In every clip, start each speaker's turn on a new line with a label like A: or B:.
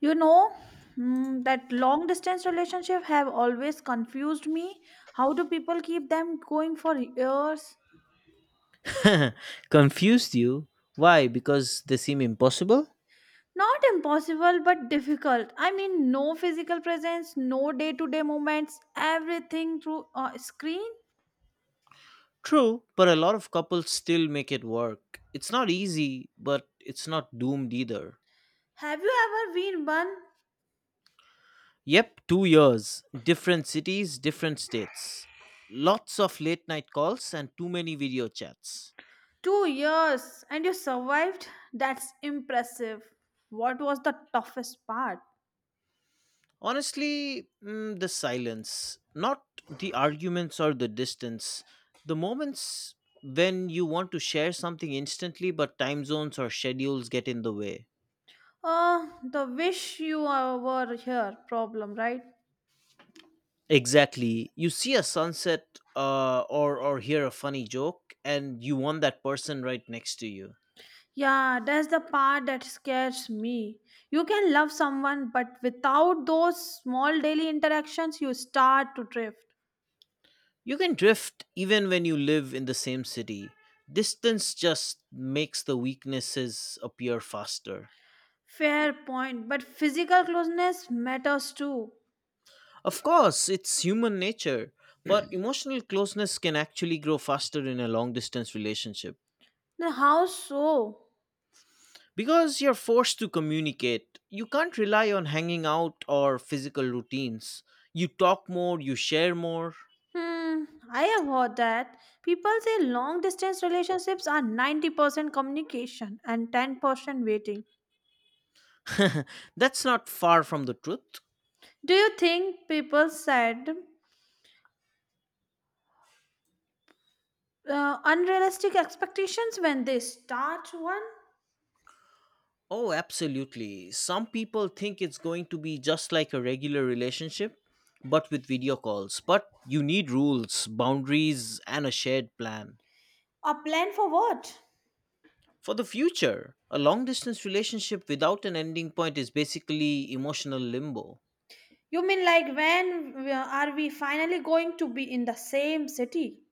A: You know, that long distance relationship have always confused me. How do people keep them going for years?
B: Confused you? Why? Because they seem impossible?
A: Not impossible, but difficult. I mean, no physical presence, no day to day moments, everything through a screen.
B: True, but a lot of couples still make it work. It's not easy, but it's not doomed either.
A: Have you ever been one?
B: Yep, 2 years. Different cities, different states. Lots of late night calls and too many video chats.
A: 2 years and you survived? That's impressive. What was the toughest part?
B: Honestly, the silence. Not the arguments or the distance. The moments when you want to share something instantly, but time zones or schedules get in the way.
A: The wish you were here problem, right?
B: Exactly. You see a sunset or hear a funny joke and you want that person right next to you.
A: Yeah, that's the part that scares me. You can love someone, but without those small daily interactions, you start to drift.
B: You can drift even when you live in the same city. Distance just makes the weaknesses appear faster.
A: Fair point, but physical closeness matters too.
B: Of course, it's human nature, but emotional closeness can actually grow faster in a long distance relationship
A: Then how so?
B: because you're forced to communicate. You can't rely on hanging out or physical routines. You talk more, you share more.
A: Hmm, I have heard that. People say long distance relationships are 90% communication and 10% waiting.
B: That's not far from the truth.
A: Do you think people set unrealistic expectations when they start one?
B: Oh, absolutely. Some people think it's going to be just like a regular relationship, but with video calls. But you need rules, boundaries, and a shared plan.
A: A plan for what?
B: For the future, a long distance relationship without an ending point is basically emotional limbo.
A: You mean like when are we finally going to be in the same city?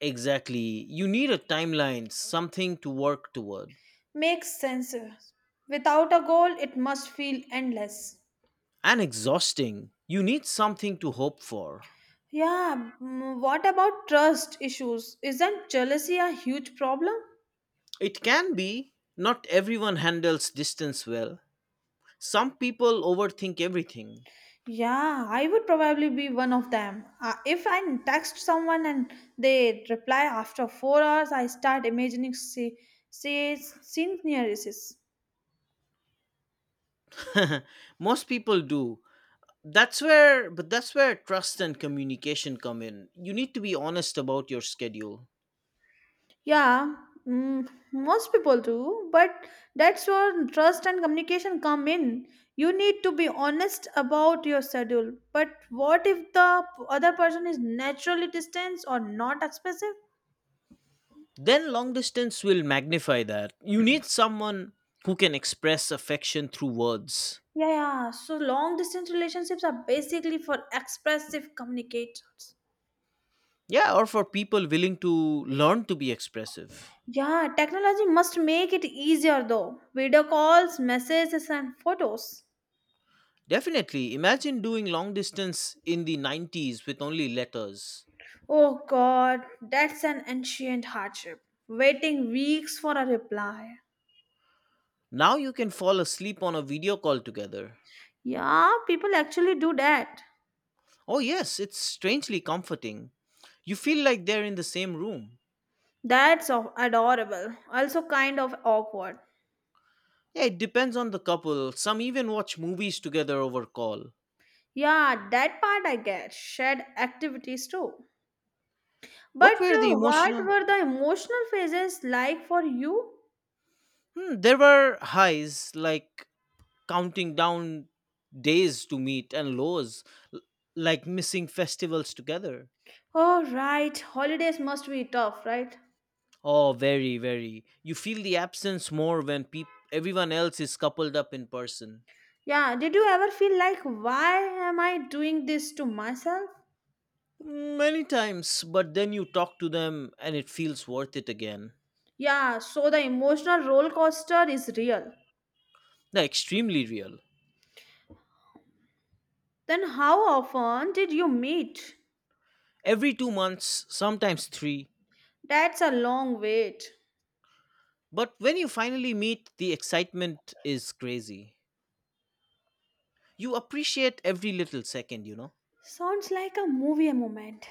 B: Exactly. You need a timeline, something to work toward.
A: Makes sense. Without a goal, it must feel endless.
B: And exhausting. You need something to hope for.
A: Yeah, what about trust issues? Isn't jealousy a huge problem?
B: It can be. Not everyone handles distance well. Some people overthink everything.
A: Yeah, I would probably be one of them. If I text someone and they reply after 4 hours, I start imagining se- scenarios.
B: Most people do. That's where trust and communication come in. You need to be honest about your schedule.
A: Yeah, most people do, but that's where trust and communication come in. You need to be honest about your schedule. But what if the other person is naturally distant or not expressive?
B: Then long distance will magnify that. You need someone who can express affection through words.
A: Yeah, yeah. So long distance relationships are basically for expressive communicators.
B: Yeah, or for people willing to learn to be expressive.
A: Yeah, technology must make it easier though. Video calls, messages, and photos.
B: Definitely. Imagine doing long distance in the 90s with only letters.
A: Oh God, that's an ancient hardship. Waiting weeks for a reply.
B: Now you can fall asleep on a video call together.
A: Yeah, people actually do that.
B: Oh, yes, it's strangely comforting. You feel like they're in the same room.
A: That's adorable. Also, kind of awkward.
B: Yeah, it depends on the couple. Some even watch movies together over call.
A: Yeah, that part I get. Shared activities too. But
B: What were the
A: what
B: emotional?
A: were the emotional phases like for you?
B: Hmm, there were highs like counting down days to meet and lows l- like missing festivals together.
A: Oh, right. Holidays must be tough, right?
B: Oh, very, very. You feel the absence more when everyone else is coupled up in person.
A: Yeah, did you ever feel like, why am I doing this to myself?
B: Many times, but then you talk to them and it feels worth it again.
A: Yeah, so the emotional roller coaster is real.
B: They're extremely real.
A: Then how often did you meet?
B: Every 2 months, sometimes three.
A: That's a long wait.
B: But when you finally meet, the excitement is crazy. You appreciate every little second, you know?
A: Sounds like a movie moment.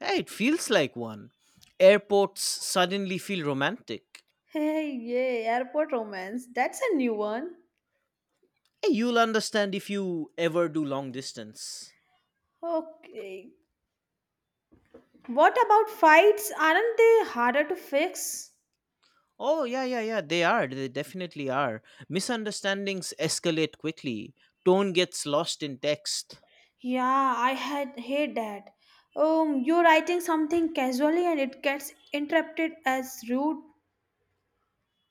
B: Hey, it feels like one. Airports suddenly feel romantic.
A: Hey, yay, airport romance. That's a new one.
B: Hey, you'll understand if you ever do long distance.
A: Okay. What about fights? Aren't they harder to fix?
B: Oh, yeah, yeah, yeah, they are. They definitely are. Misunderstandings escalate quickly, tone gets lost in text.
A: Yeah, I had hate that. You're writing something casually and it gets interrupted as rude.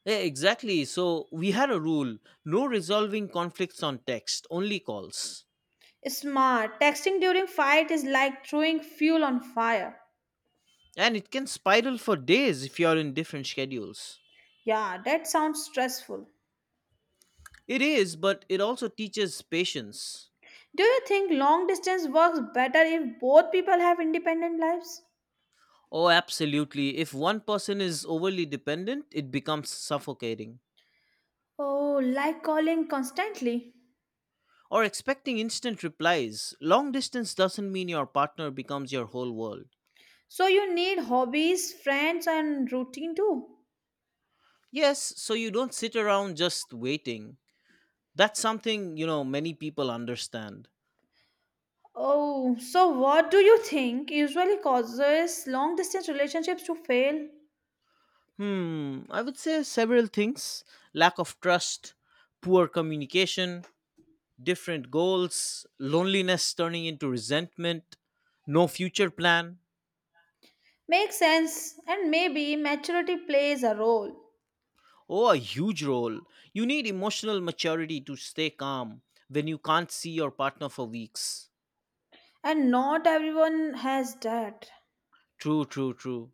B: Yeah, exactly. So we had a rule: no resolving conflicts on text, only calls.
A: Smart. Texting during fight is like throwing fuel on fire.
B: And it can spiral for days if you're in different schedules.
A: Yeah, that sounds stressful.
B: It is, but it also teaches patience.
A: Do you think long distance works better if both people have independent lives?
B: Oh, absolutely. If one person is overly dependent, it becomes suffocating.
A: Oh, like calling constantly.
B: Or expecting instant replies. Long distance doesn't mean your partner becomes your whole world.
A: So you need hobbies, friends, and routine too.
B: Yes, so you don't sit around just waiting. That's something, many people understand.
A: Oh, so what do you think usually causes long distance relationships to fail?
B: Hmm, I would say several things: lack of trust, poor communication, different goals, loneliness turning into resentment, no future plan.
A: Makes sense, and maybe maturity plays a role,
B: Oh, a huge role. You need emotional maturity to stay calm when you can't see your partner for weeks.
A: and not everyone has that.
B: True, true, true.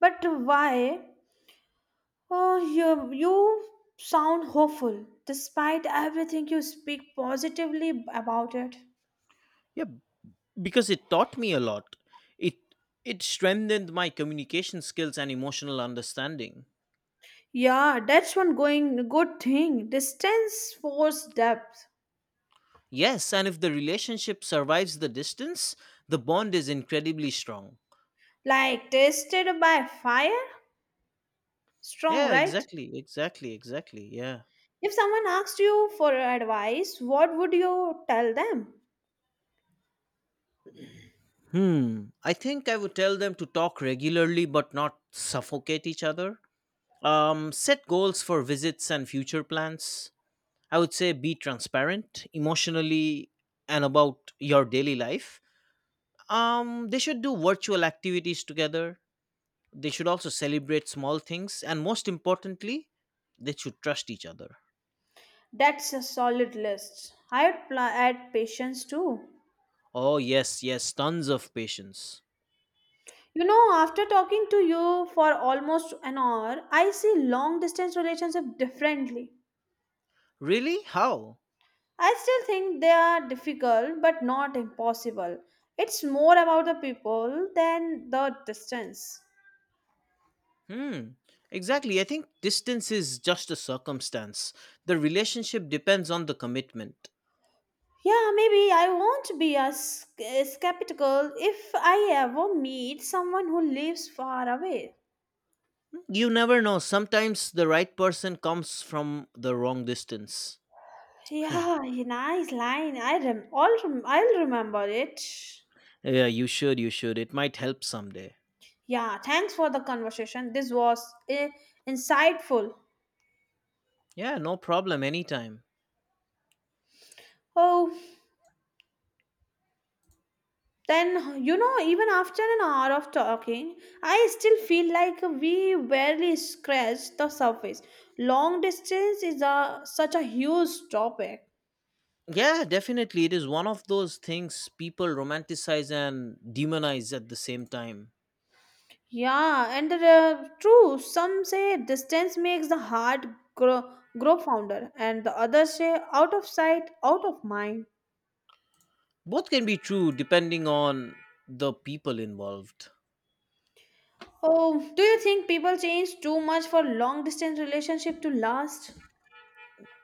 A: But why Oh, you sound hopeful despite everything you speak positively about it.
B: Yeah, because it taught me a lot. It it strengthened my communication skills and emotional understanding.
A: Yeah, that's one going good thing. Distance force depth.
B: Yes, and if the relationship survives the distance, the bond is incredibly strong.
A: Like tested by fire? Strong,
B: Yeah,
A: right?
B: exactly, exactly, exactly. Yeah.
A: If someone asked you for advice, what would you tell them?
B: Hmm. I think I would tell them to talk regularly but not suffocate each other. Set goals for visits and future plans. I would say be transparent emotionally and about your daily life. They should do virtual activities together. They should also celebrate small things and, most importantly, they should trust each other.
A: That's a solid list. I would add patience too.
B: Oh, yes, yes, tons of patience.
A: After talking to you for almost an hour, I see long distance relationship differently.
B: Really? How?
A: I still think they are difficult but not impossible. It's more about the people than the distance.
B: Hmm. Exactly. I think distance is just a circumstance. The relationship depends on the commitment.
A: Yeah, maybe I won't be as skeptical if I ever meet someone who lives far away.
B: You never know. Sometimes the right person comes from the wrong distance.
A: Yeah, nice line. I'll remember it.
B: Yeah, you should, you should. It might help someday.
A: Yeah, thanks for the conversation. This was insightful.
B: Yeah, no problem. Anytime.
A: Oh, then, even after an hour of talking, I still feel like we barely scratched the surface. Long distance is such a huge topic.
B: Yeah, definitely. It is one of those things people romanticize and demonize at the same time.
A: Yeah, and true, some say distance makes the heart grow, grow founder, and the others say out of sight, out of mind.
B: Both can be true depending on the people involved.
A: Oh, do you think people change too much for long distance relationship to last?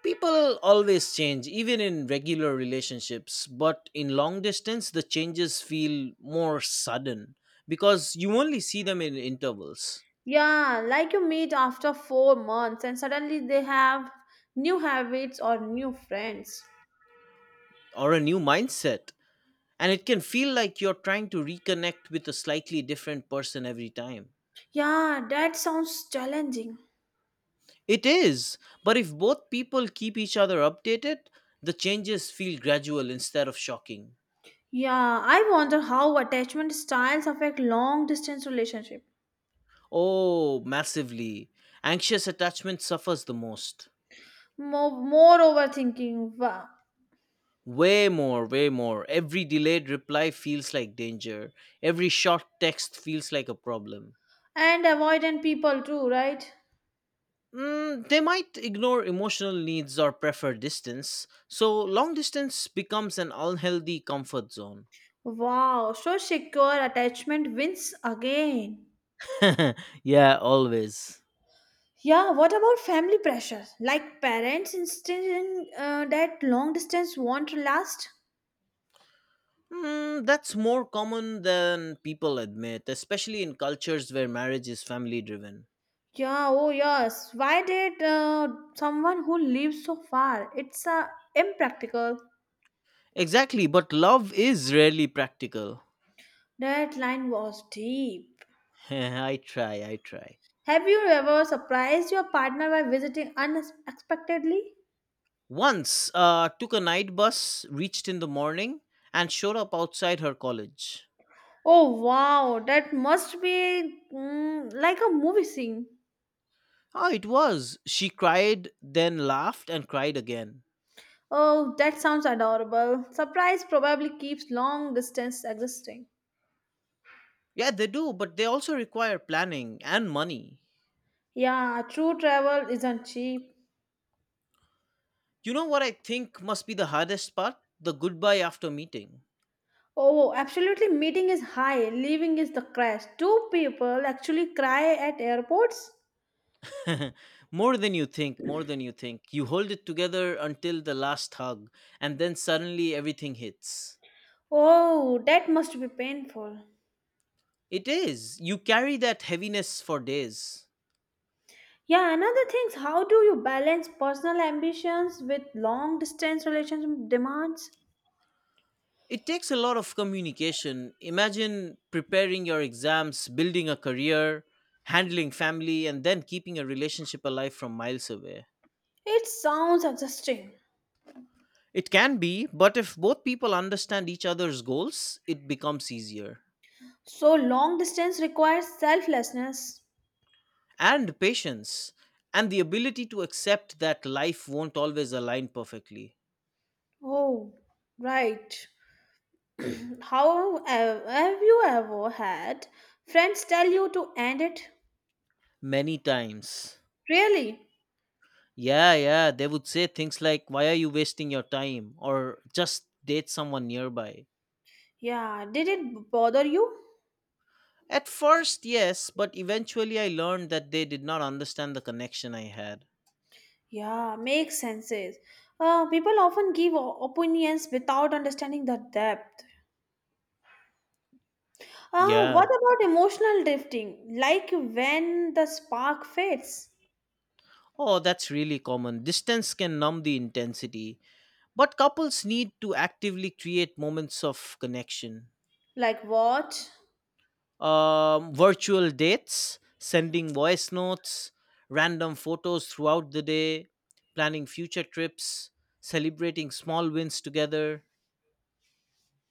B: People always change, even in regular relationships, but in long distance, the changes feel more sudden because you only see them in intervals
A: Yeah, like you meet after 4 months and suddenly they have new habits or new friends.
B: or a new mindset. And it can feel like you're trying to reconnect with a slightly different person every time.
A: Yeah, that sounds challenging.
B: It is, but if both people keep each other updated, the changes feel gradual instead of shocking.
A: Yeah, I wonder how attachment styles affect long distance relationship.
B: Oh, massively. Anxious attachment suffers the most.
A: More overthinking. Wow.
B: Way more, way more. Every delayed reply feels like danger. Every short text feels like a problem.
A: And avoidant people too, right?
B: They might ignore emotional needs or prefer distance, so long distance becomes an unhealthy comfort zone.
A: Wow, so secure attachment wins again.
B: Yeah, always.
A: Yeah, what about family pressure? Like parents instilling that long distance won't last?
B: That's more common than people admit, especially in cultures where marriage is family driven.
A: Yeah, oh yes. Why did someone who lives so far? It's impractical.
B: Exactly, but love is rarely practical.
A: That line was deep.
B: I try, I try.
A: Have you ever surprised your partner by visiting unexpectedly?
B: Once took a night bus, reached in the morning, and showed up outside her college.
A: Oh wow, that must be like a movie scene.
B: Ah, it was. She cried, then laughed and cried again.
A: Oh, that sounds adorable. Surprise probably keeps long distance existing.
B: Yeah, they do, but they also require planning and money.
A: Yeah, true travel isn't cheap.
B: You know what I think must be the hardest part? The goodbye after meeting.
A: Oh, absolutely. Meeting is high, leaving is the crash. Two people actually cry at airports.
B: More than you think, more than you think. You hold it together until the last hug, and then suddenly everything hits.
A: Oh, that must be painful.
B: It is. You carry that heaviness for days.
A: Yeah, another thing is how do you balance personal ambitions with long distance relationship demands?
B: It takes a lot of communication. Imagine preparing your exams, building a career, handling family, and then keeping a relationship alive from miles away.
A: It sounds exhausting.
B: It can be, but if both people understand each other's goals, it becomes easier.
A: So, long distance requires selflessness.
B: And patience, and the ability to accept that life won't always align perfectly.
A: Oh, right. How have you ever had friends tell you to end it?
B: Many times.
A: Really?
B: Yeah, yeah, they would say things like, "Why are you wasting your time?" or "Just date someone nearby."
A: Yeah, did it bother you?
B: At first, yes, but eventually I learned that they did not understand the connection I had.
A: Yeah, makes senses. People often give opinions without understanding the depth. What
B: Yeah.
A: about emotional drifting? Like when the spark fades?
B: Oh, that's really common. Distance can numb the intensity, but couples need to actively create moments of connection.
A: Like what?
B: Virtual dates, sending voice notes, random photos throughout the day, planning future trips, celebrating small wins together.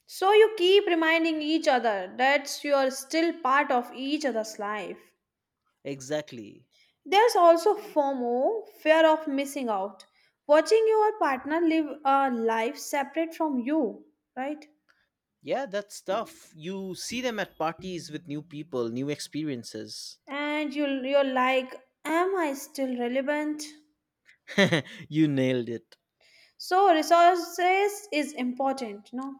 A: So you keep reminding each other that you're still part of each other's life.
B: Exactly.
A: There's also FOMO, fear of missing out, watching your partner live a life separate from you, right?
B: Yeah, that stuff. You see them at parties with new people, new experiences.
A: And you, you're like, am I still relevant?
B: You nailed it.
A: So resources is important, no?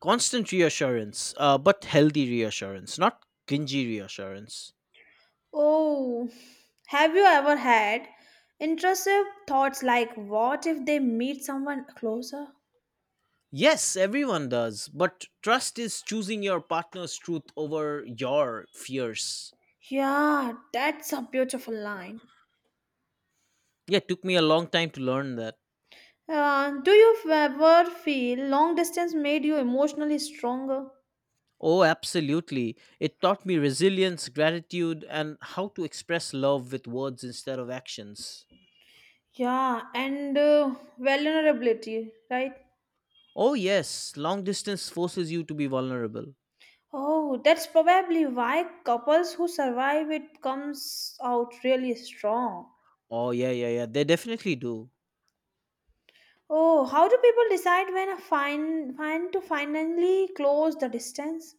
B: Constant reassurance, but healthy reassurance, not cringy reassurance.
A: Oh, have you ever had intrusive thoughts like what if they meet someone closer?
B: Yes, everyone does, but trust is choosing your partner's truth over your fears.
A: Yeah, that's a beautiful line.
B: Yeah, it took me a long time to learn that.
A: Do you ever feel long distance made you emotionally stronger?
B: Oh, absolutely. It taught me resilience, gratitude, and how to express love with words instead of actions.
A: Yeah, and vulnerability, right?
B: Oh yes, long distance forces you to be vulnerable.
A: Oh, that's probably why couples who survive it comes out really strong.
B: Oh yeah, yeah, yeah. They definitely do.
A: Oh, how do people decide when a fine when to finally close the distance?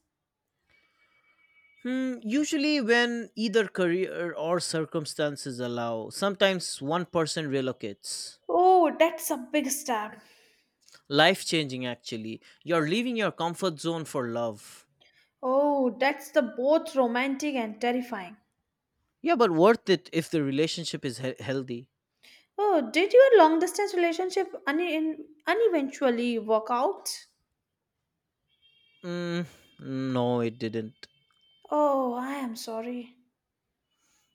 B: Hmm, usually when either career or circumstances allow, sometimes one person relocates.
A: Oh, that's a big step.
B: Life changing actually. You're leaving your comfort zone for love.
A: Oh, that's the both romantic and terrifying.
B: Yeah, but worth it if the relationship is healthy.
A: Oh, did your long distance relationship uneventually work out?
B: Mm, no, it didn't.
A: Oh, I am sorry.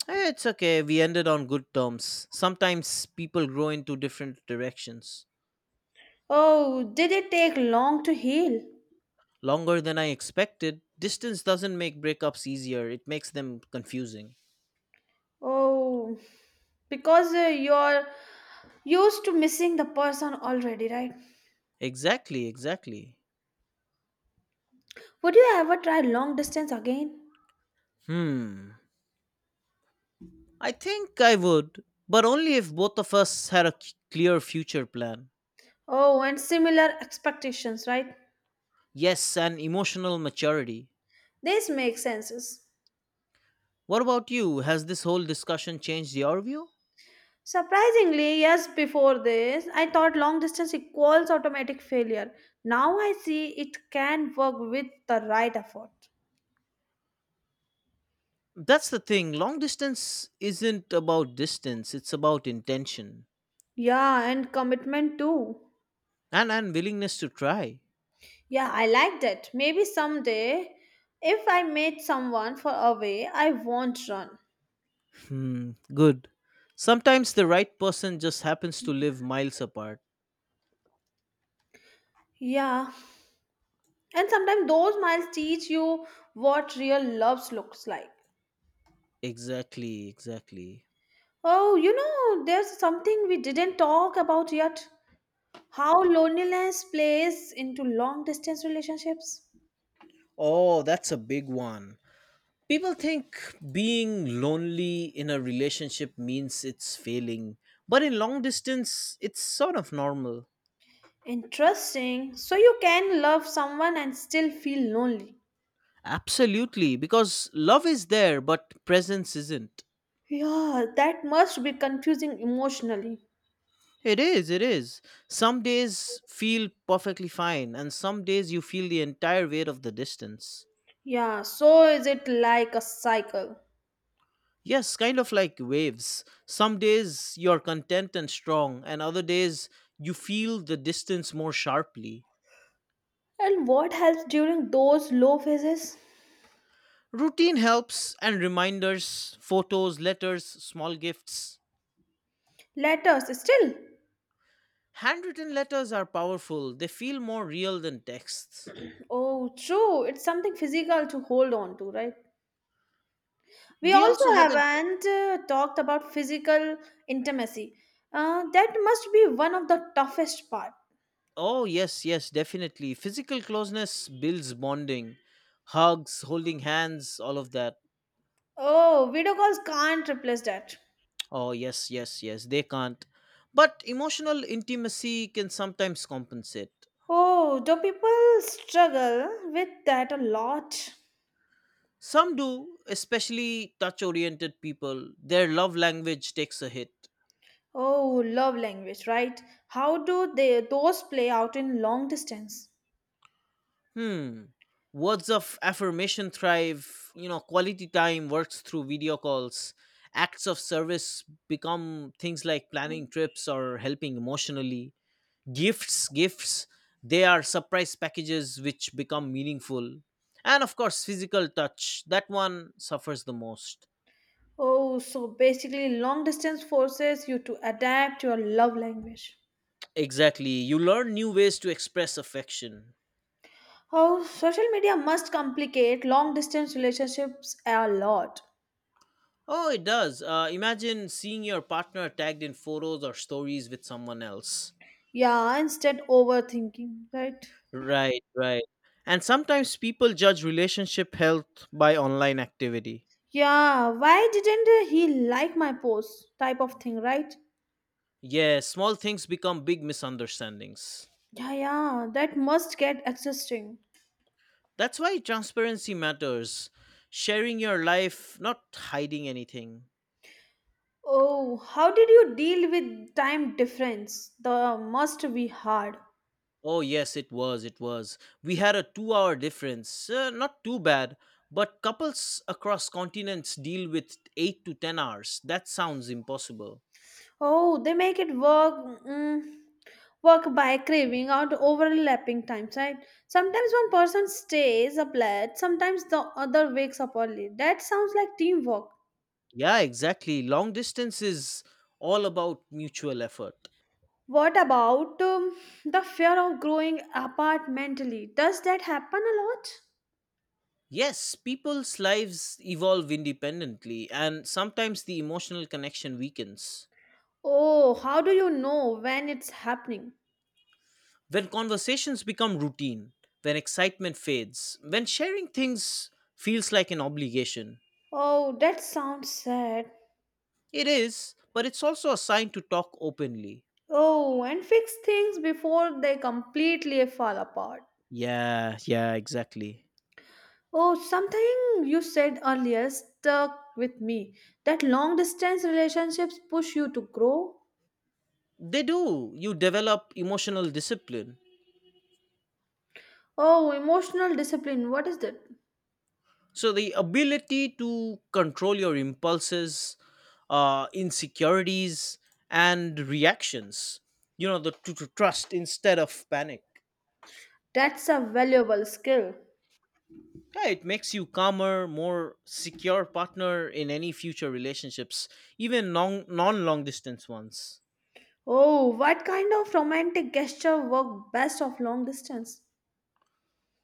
B: Eh, it's okay. We ended on good terms. Sometimes people grow into different directions.
A: Oh, did it take long to heal?
B: Longer than I expected, distance doesn't make breakups easier, it makes them confusing.
A: Oh, because you're used to missing the person already, right?
B: Exactly, exactly.
A: Would you ever try long distance again?
B: Hmm. I think I would, but only if both of us had a clear future plan.
A: Oh, and similar expectations, right?
B: Yes, and emotional maturity.
A: This makes sense.
B: What about you? Has this whole discussion changed your view?
A: Surprisingly, yes. Before this, I thought long distance equals automatic failure. Now I see it can work with the right effort.
B: That's the thing. Long distance isn't about distance, it's about intention
A: Yeah, and commitment too.
B: and willingness to try.
A: Yeah, I like that. Maybe someday, if I meet someone for a way, I won't run.
B: Hmm, good. Sometimes the right person just happens to live miles apart.
A: Yeah, and sometimes those miles teach you what real love looks like.
B: Exactly, exactly.
A: Oh, there's something we didn't talk about yet. How loneliness plays into long distance relationships.
B: Oh, that's a big one. People think being lonely in a relationship means it's failing, but in long distance, it's sort of normal.
A: Interesting. So you can love someone and still feel lonely.
B: Absolutely, because love is there, but presence isn't.
A: Yeah, that must be confusing emotionally.
B: It is, it is. Some days feel perfectly fine, and some days you feel the entire weight of the distance.
A: Yeah, so is it like a cycle?
B: Yes, kind of like waves. Some days you're content and strong, and other days you feel the distance more sharply.
A: And what helps during those low phases?
B: Routine helps and reminders, photos, letters, small gifts.
A: Letters, still.
B: Handwritten letters are powerful, they feel more real than texts.
A: Oh, true. It's something physical to hold on to, right? We
B: We
A: also
B: also haven't.
A: haven't talked about physical intimacy. That must be one of the toughest part.
B: Oh, yes, yes, definitely. Physical closeness builds bonding, hugs, holding hands, all of that.
A: Oh, video calls can't replace that.
B: Oh, yes, yes, yes, they can't. But emotional intimacy can sometimes compensate.
A: Oh, do people struggle with that a lot?
B: Some do, especially touch oriented people. Their love language takes a hit.
A: Oh, love language, right? How do they those play out in long distance?
B: Hmm. Words of affirmation thrive, quality time works through video calls. Acts of service become things like planning trips or helping emotionally. Gifts, they are surprise packages which become meaningful. And of course physical touch, that one suffers the most.
A: Oh, so basically long distance forces you to adapt your love language.
B: Exactly, you learn new ways to express affection.
A: Oh, social media must complicate long distance relationships a lot.
B: Oh it does. Imagine seeing your partner tagged in photos or stories with someone else.
A: Yeah, instead overthinking, right?
B: Right, right. And sometimes people judge relationship health by online activity.
A: Yeah, why didn't he like my post? Type of thing, right?
B: Yes, small things become big misunderstandings.
A: Yeah, yeah, that must get exhausting.
B: That's why transparency matters. Sharing your life, not hiding anything.
A: Oh, how did you deal with time difference? The must be hard.
B: Oh, yes, it was. It was. We had a 2-hour difference. Not too bad. But couples across continents deal with 8 to 10 hours. That sounds impossible.
A: Oh, they make it work. Work by craving out overlapping times, right? Sometimes one person stays up late, sometimes the other wakes up early. That sounds like teamwork.
B: Yeah, exactly. Long distance is all about mutual effort.
A: What about the fear of growing apart mentally? Does that happen a lot?
B: Yes, people's lives evolve independently, and sometimes the emotional connection weakens.
A: Oh, how do you know when it's happening?
B: When conversations become routine, when excitement fades, when sharing things feels like an obligation.
A: Oh, that sounds sad.
B: It is, but it's also a sign to talk openly.
A: Oh, and fix things before they completely fall apart.
B: Yeah, yeah, exactly.
A: Oh, something you said earlier stuck with me that long distance relationships push you to grow.
B: They do. You develop emotional discipline.
A: Oh, emotional discipline, what is that?
B: So the ability to control your impulses, insecurities, and reactions. You know, to trust instead of panic.
A: That's a valuable skill.
B: Yeah, it makes you calmer, more secure partner in any future relationships, even non long distance ones.
A: Oh, what kind of romantic gesture work best of long distance?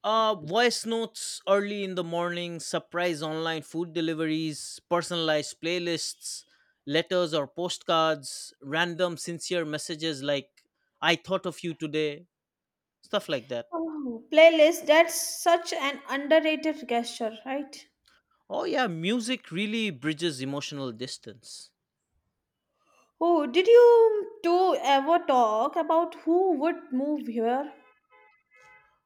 B: Voice notes early in the morning, surprise online food deliveries, personalized playlists, letters or postcards, random sincere messages like "I thought of you today," stuff like that.
A: Oh, playlist, that's such an underrated gesture, right?
B: Oh yeah, music really bridges emotional distance.
A: Oh, did you two ever talk about who would move here?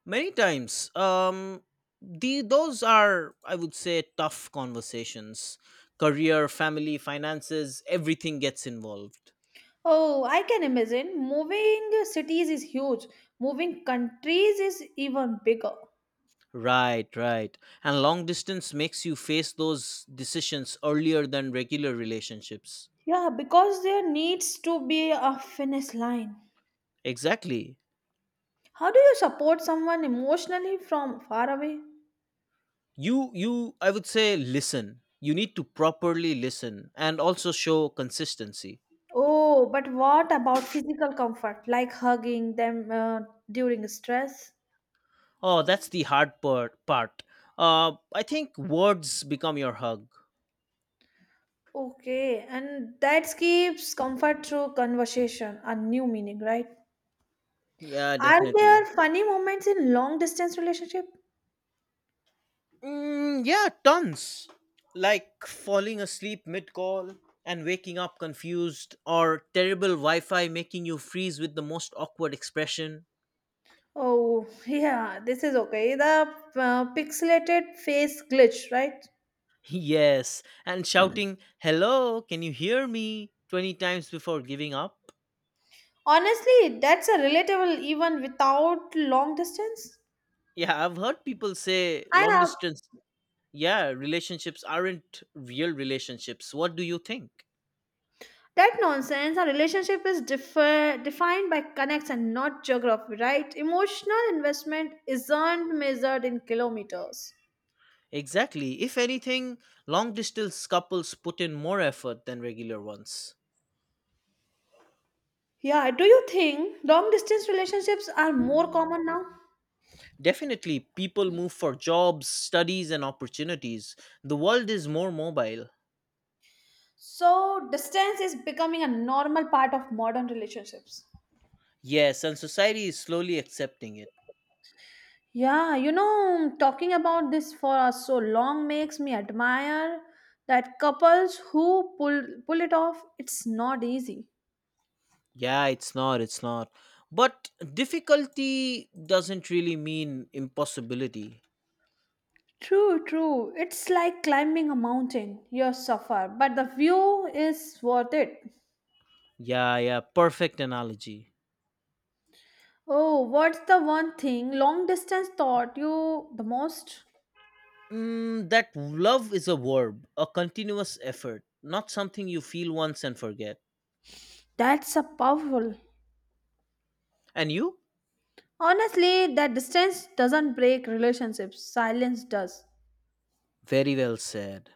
B: Many times. The those are, I would say, tough conversations. Career, family, finances, everything gets involved.
A: Oh, I can imagine. Moving cities is huge. Moving countries is even bigger.
B: Right, right. And long distance makes you face those decisions earlier than regular relationships.
A: Yeah, because there needs to be a finish line.
B: Exactly.
A: How do you support someone emotionally from far away?
B: You I would say listen. You need to properly listen and also show consistency.
A: Oh, but what about physical comfort, like hugging them during stress?
B: Oh, that's the hard part. I think words become your hug.
A: Okay, and that gives comfort through conversation, a new meaning, right?
B: Yeah,
A: Are there
B: definitely.
A: funny moments in long distance relationship?
B: Mm, yeah, tons. Like falling asleep mid call and waking up confused, or terrible Wi Fi making you freeze with the most awkward expression.
A: Oh, yeah, this is okay. The pixelated face glitch, right?
B: Yes, and shouting, "Hello, can you hear me?" 20 times before giving up.
A: Honestly, that's a relatable even without long distance.
B: Yeah, I've heard people say
A: I
B: long
A: have
B: distance, yeah, relationships aren't real relationships. What do you think?
A: That nonsense, our relationship is defined by connects and not geography, right? Emotional investment isn't measured in kilometers.
B: Exactly. If anything, long distance couples put in more effort than regular ones.
A: Yeah, do you think long distance relationships are more common now?
B: Definitely, people move for jobs, studies, and opportunities. The world is more mobile.
A: So, distance is becoming a normal part of modern relationships.
B: Yes, and society is slowly accepting it.
A: Yeah, talking about this for so long makes me admire that couples who pull it off. It's not easy.
B: Yeah, it's not. But difficulty doesn't really mean impossibility.
A: True, true. It's like climbing a mountain. You suffer, but the view is worth it.
B: Yeah, yeah, perfect analogy.
A: Oh, what's the one thing long distance taught you the most?
B: Mm, that love is a verb, a continuous effort, not something you feel once and forget.
A: That's a powerful.
B: And you?
A: Honestly, that distance doesn't break relationships, silence does.
B: Very well said.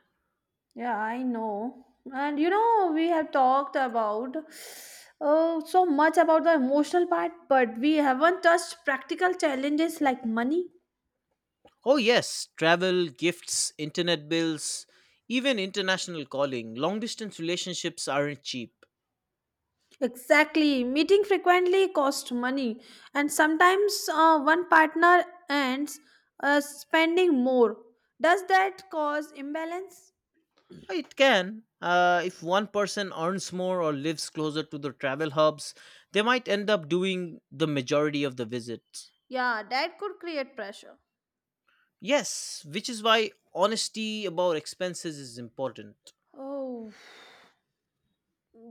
A: Yeah, I know. And we have talked about so much about the emotional part, but we haven't touched practical challenges like money,
B: Oh, yes, travel, gifts, internet bills, even international calling. Long distance relationships aren't cheap.
A: Exactly. Meeting frequently costs money, and sometimes one partner ends spending more. Does that cause imbalance?
B: It can. If one person earns more or lives closer to the travel hubs, they might end up doing the majority of the visits.
A: Yeah, that could create pressure.
B: Yes, which is why honesty about expenses is important.
A: Oh,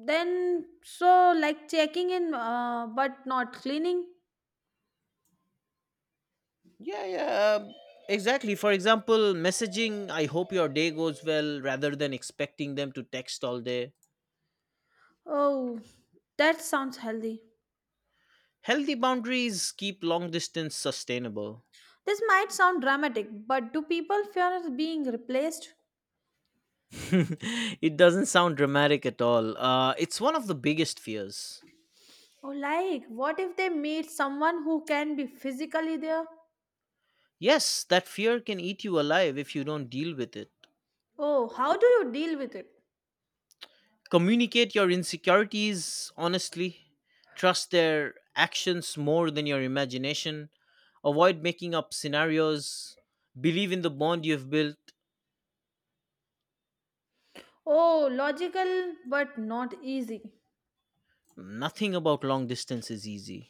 A: then so like checking in but not cleaning.
B: Yeah, yeah, exactly. For example, messaging, "I hope your day goes well," rather than expecting them to text all day.
A: Oh, that sounds healthy.
B: Healthy boundaries keep long distance sustainable.
A: This might sound dramatic, but do people fear being replaced?
B: It doesn't sound dramatic at all. It's one of the biggest fears.
A: Oh, like what if they meet someone who can be physically there?
B: Yes, that fear can eat you alive if you don't deal with it.
A: Oh, how do you deal with it?
B: Communicate your insecurities honestly, trust their actions more than your imagination, avoid making up scenarios, believe in the bond you've built.
A: Oh, logical but not easy.
B: Nothing about long distance is easy.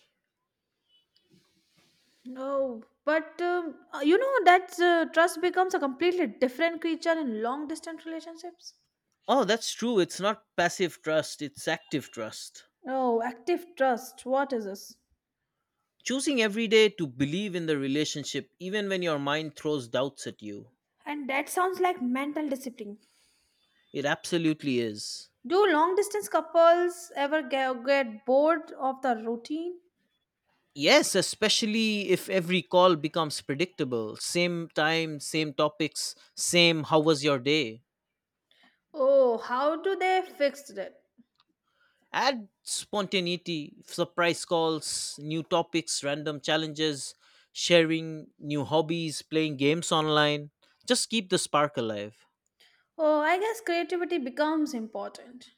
A: No, but you know that trust becomes a completely different creature in long distance relationships.
B: Oh, that's true. It's not passive trust, it's active trust.
A: Oh, active trust. What is this?
B: Choosing every day to believe in the relationship, even when your mind throws doubts at you.
A: And that sounds like mental discipline.
B: It absolutely is.
A: Do long distance couples ever get bored of the routine?
B: Yes, especially if every call becomes predictable. Same time, same topics, same how was your day.
A: Oh, how do they fix that?
B: Add spontaneity, surprise calls, new topics, random challenges, sharing new hobbies, playing games online. Just keep the spark alive.
A: Oh, I guess creativity becomes important.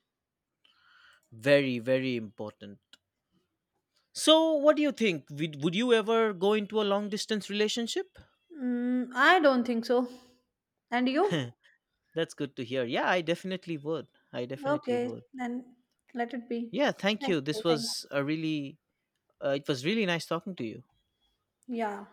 B: Very, very important. So, what do you think? Would you ever go into a long distance relationship?
A: I don't think so. And you?
B: That's good to hear. Yeah, I definitely would. I definitely
A: Okay,
B: would.
A: then let it be.
B: Yeah, thank
A: Thank
B: you. This
A: you. Thank you.
B: was a really, it was really nice talking to you.
A: Yeah.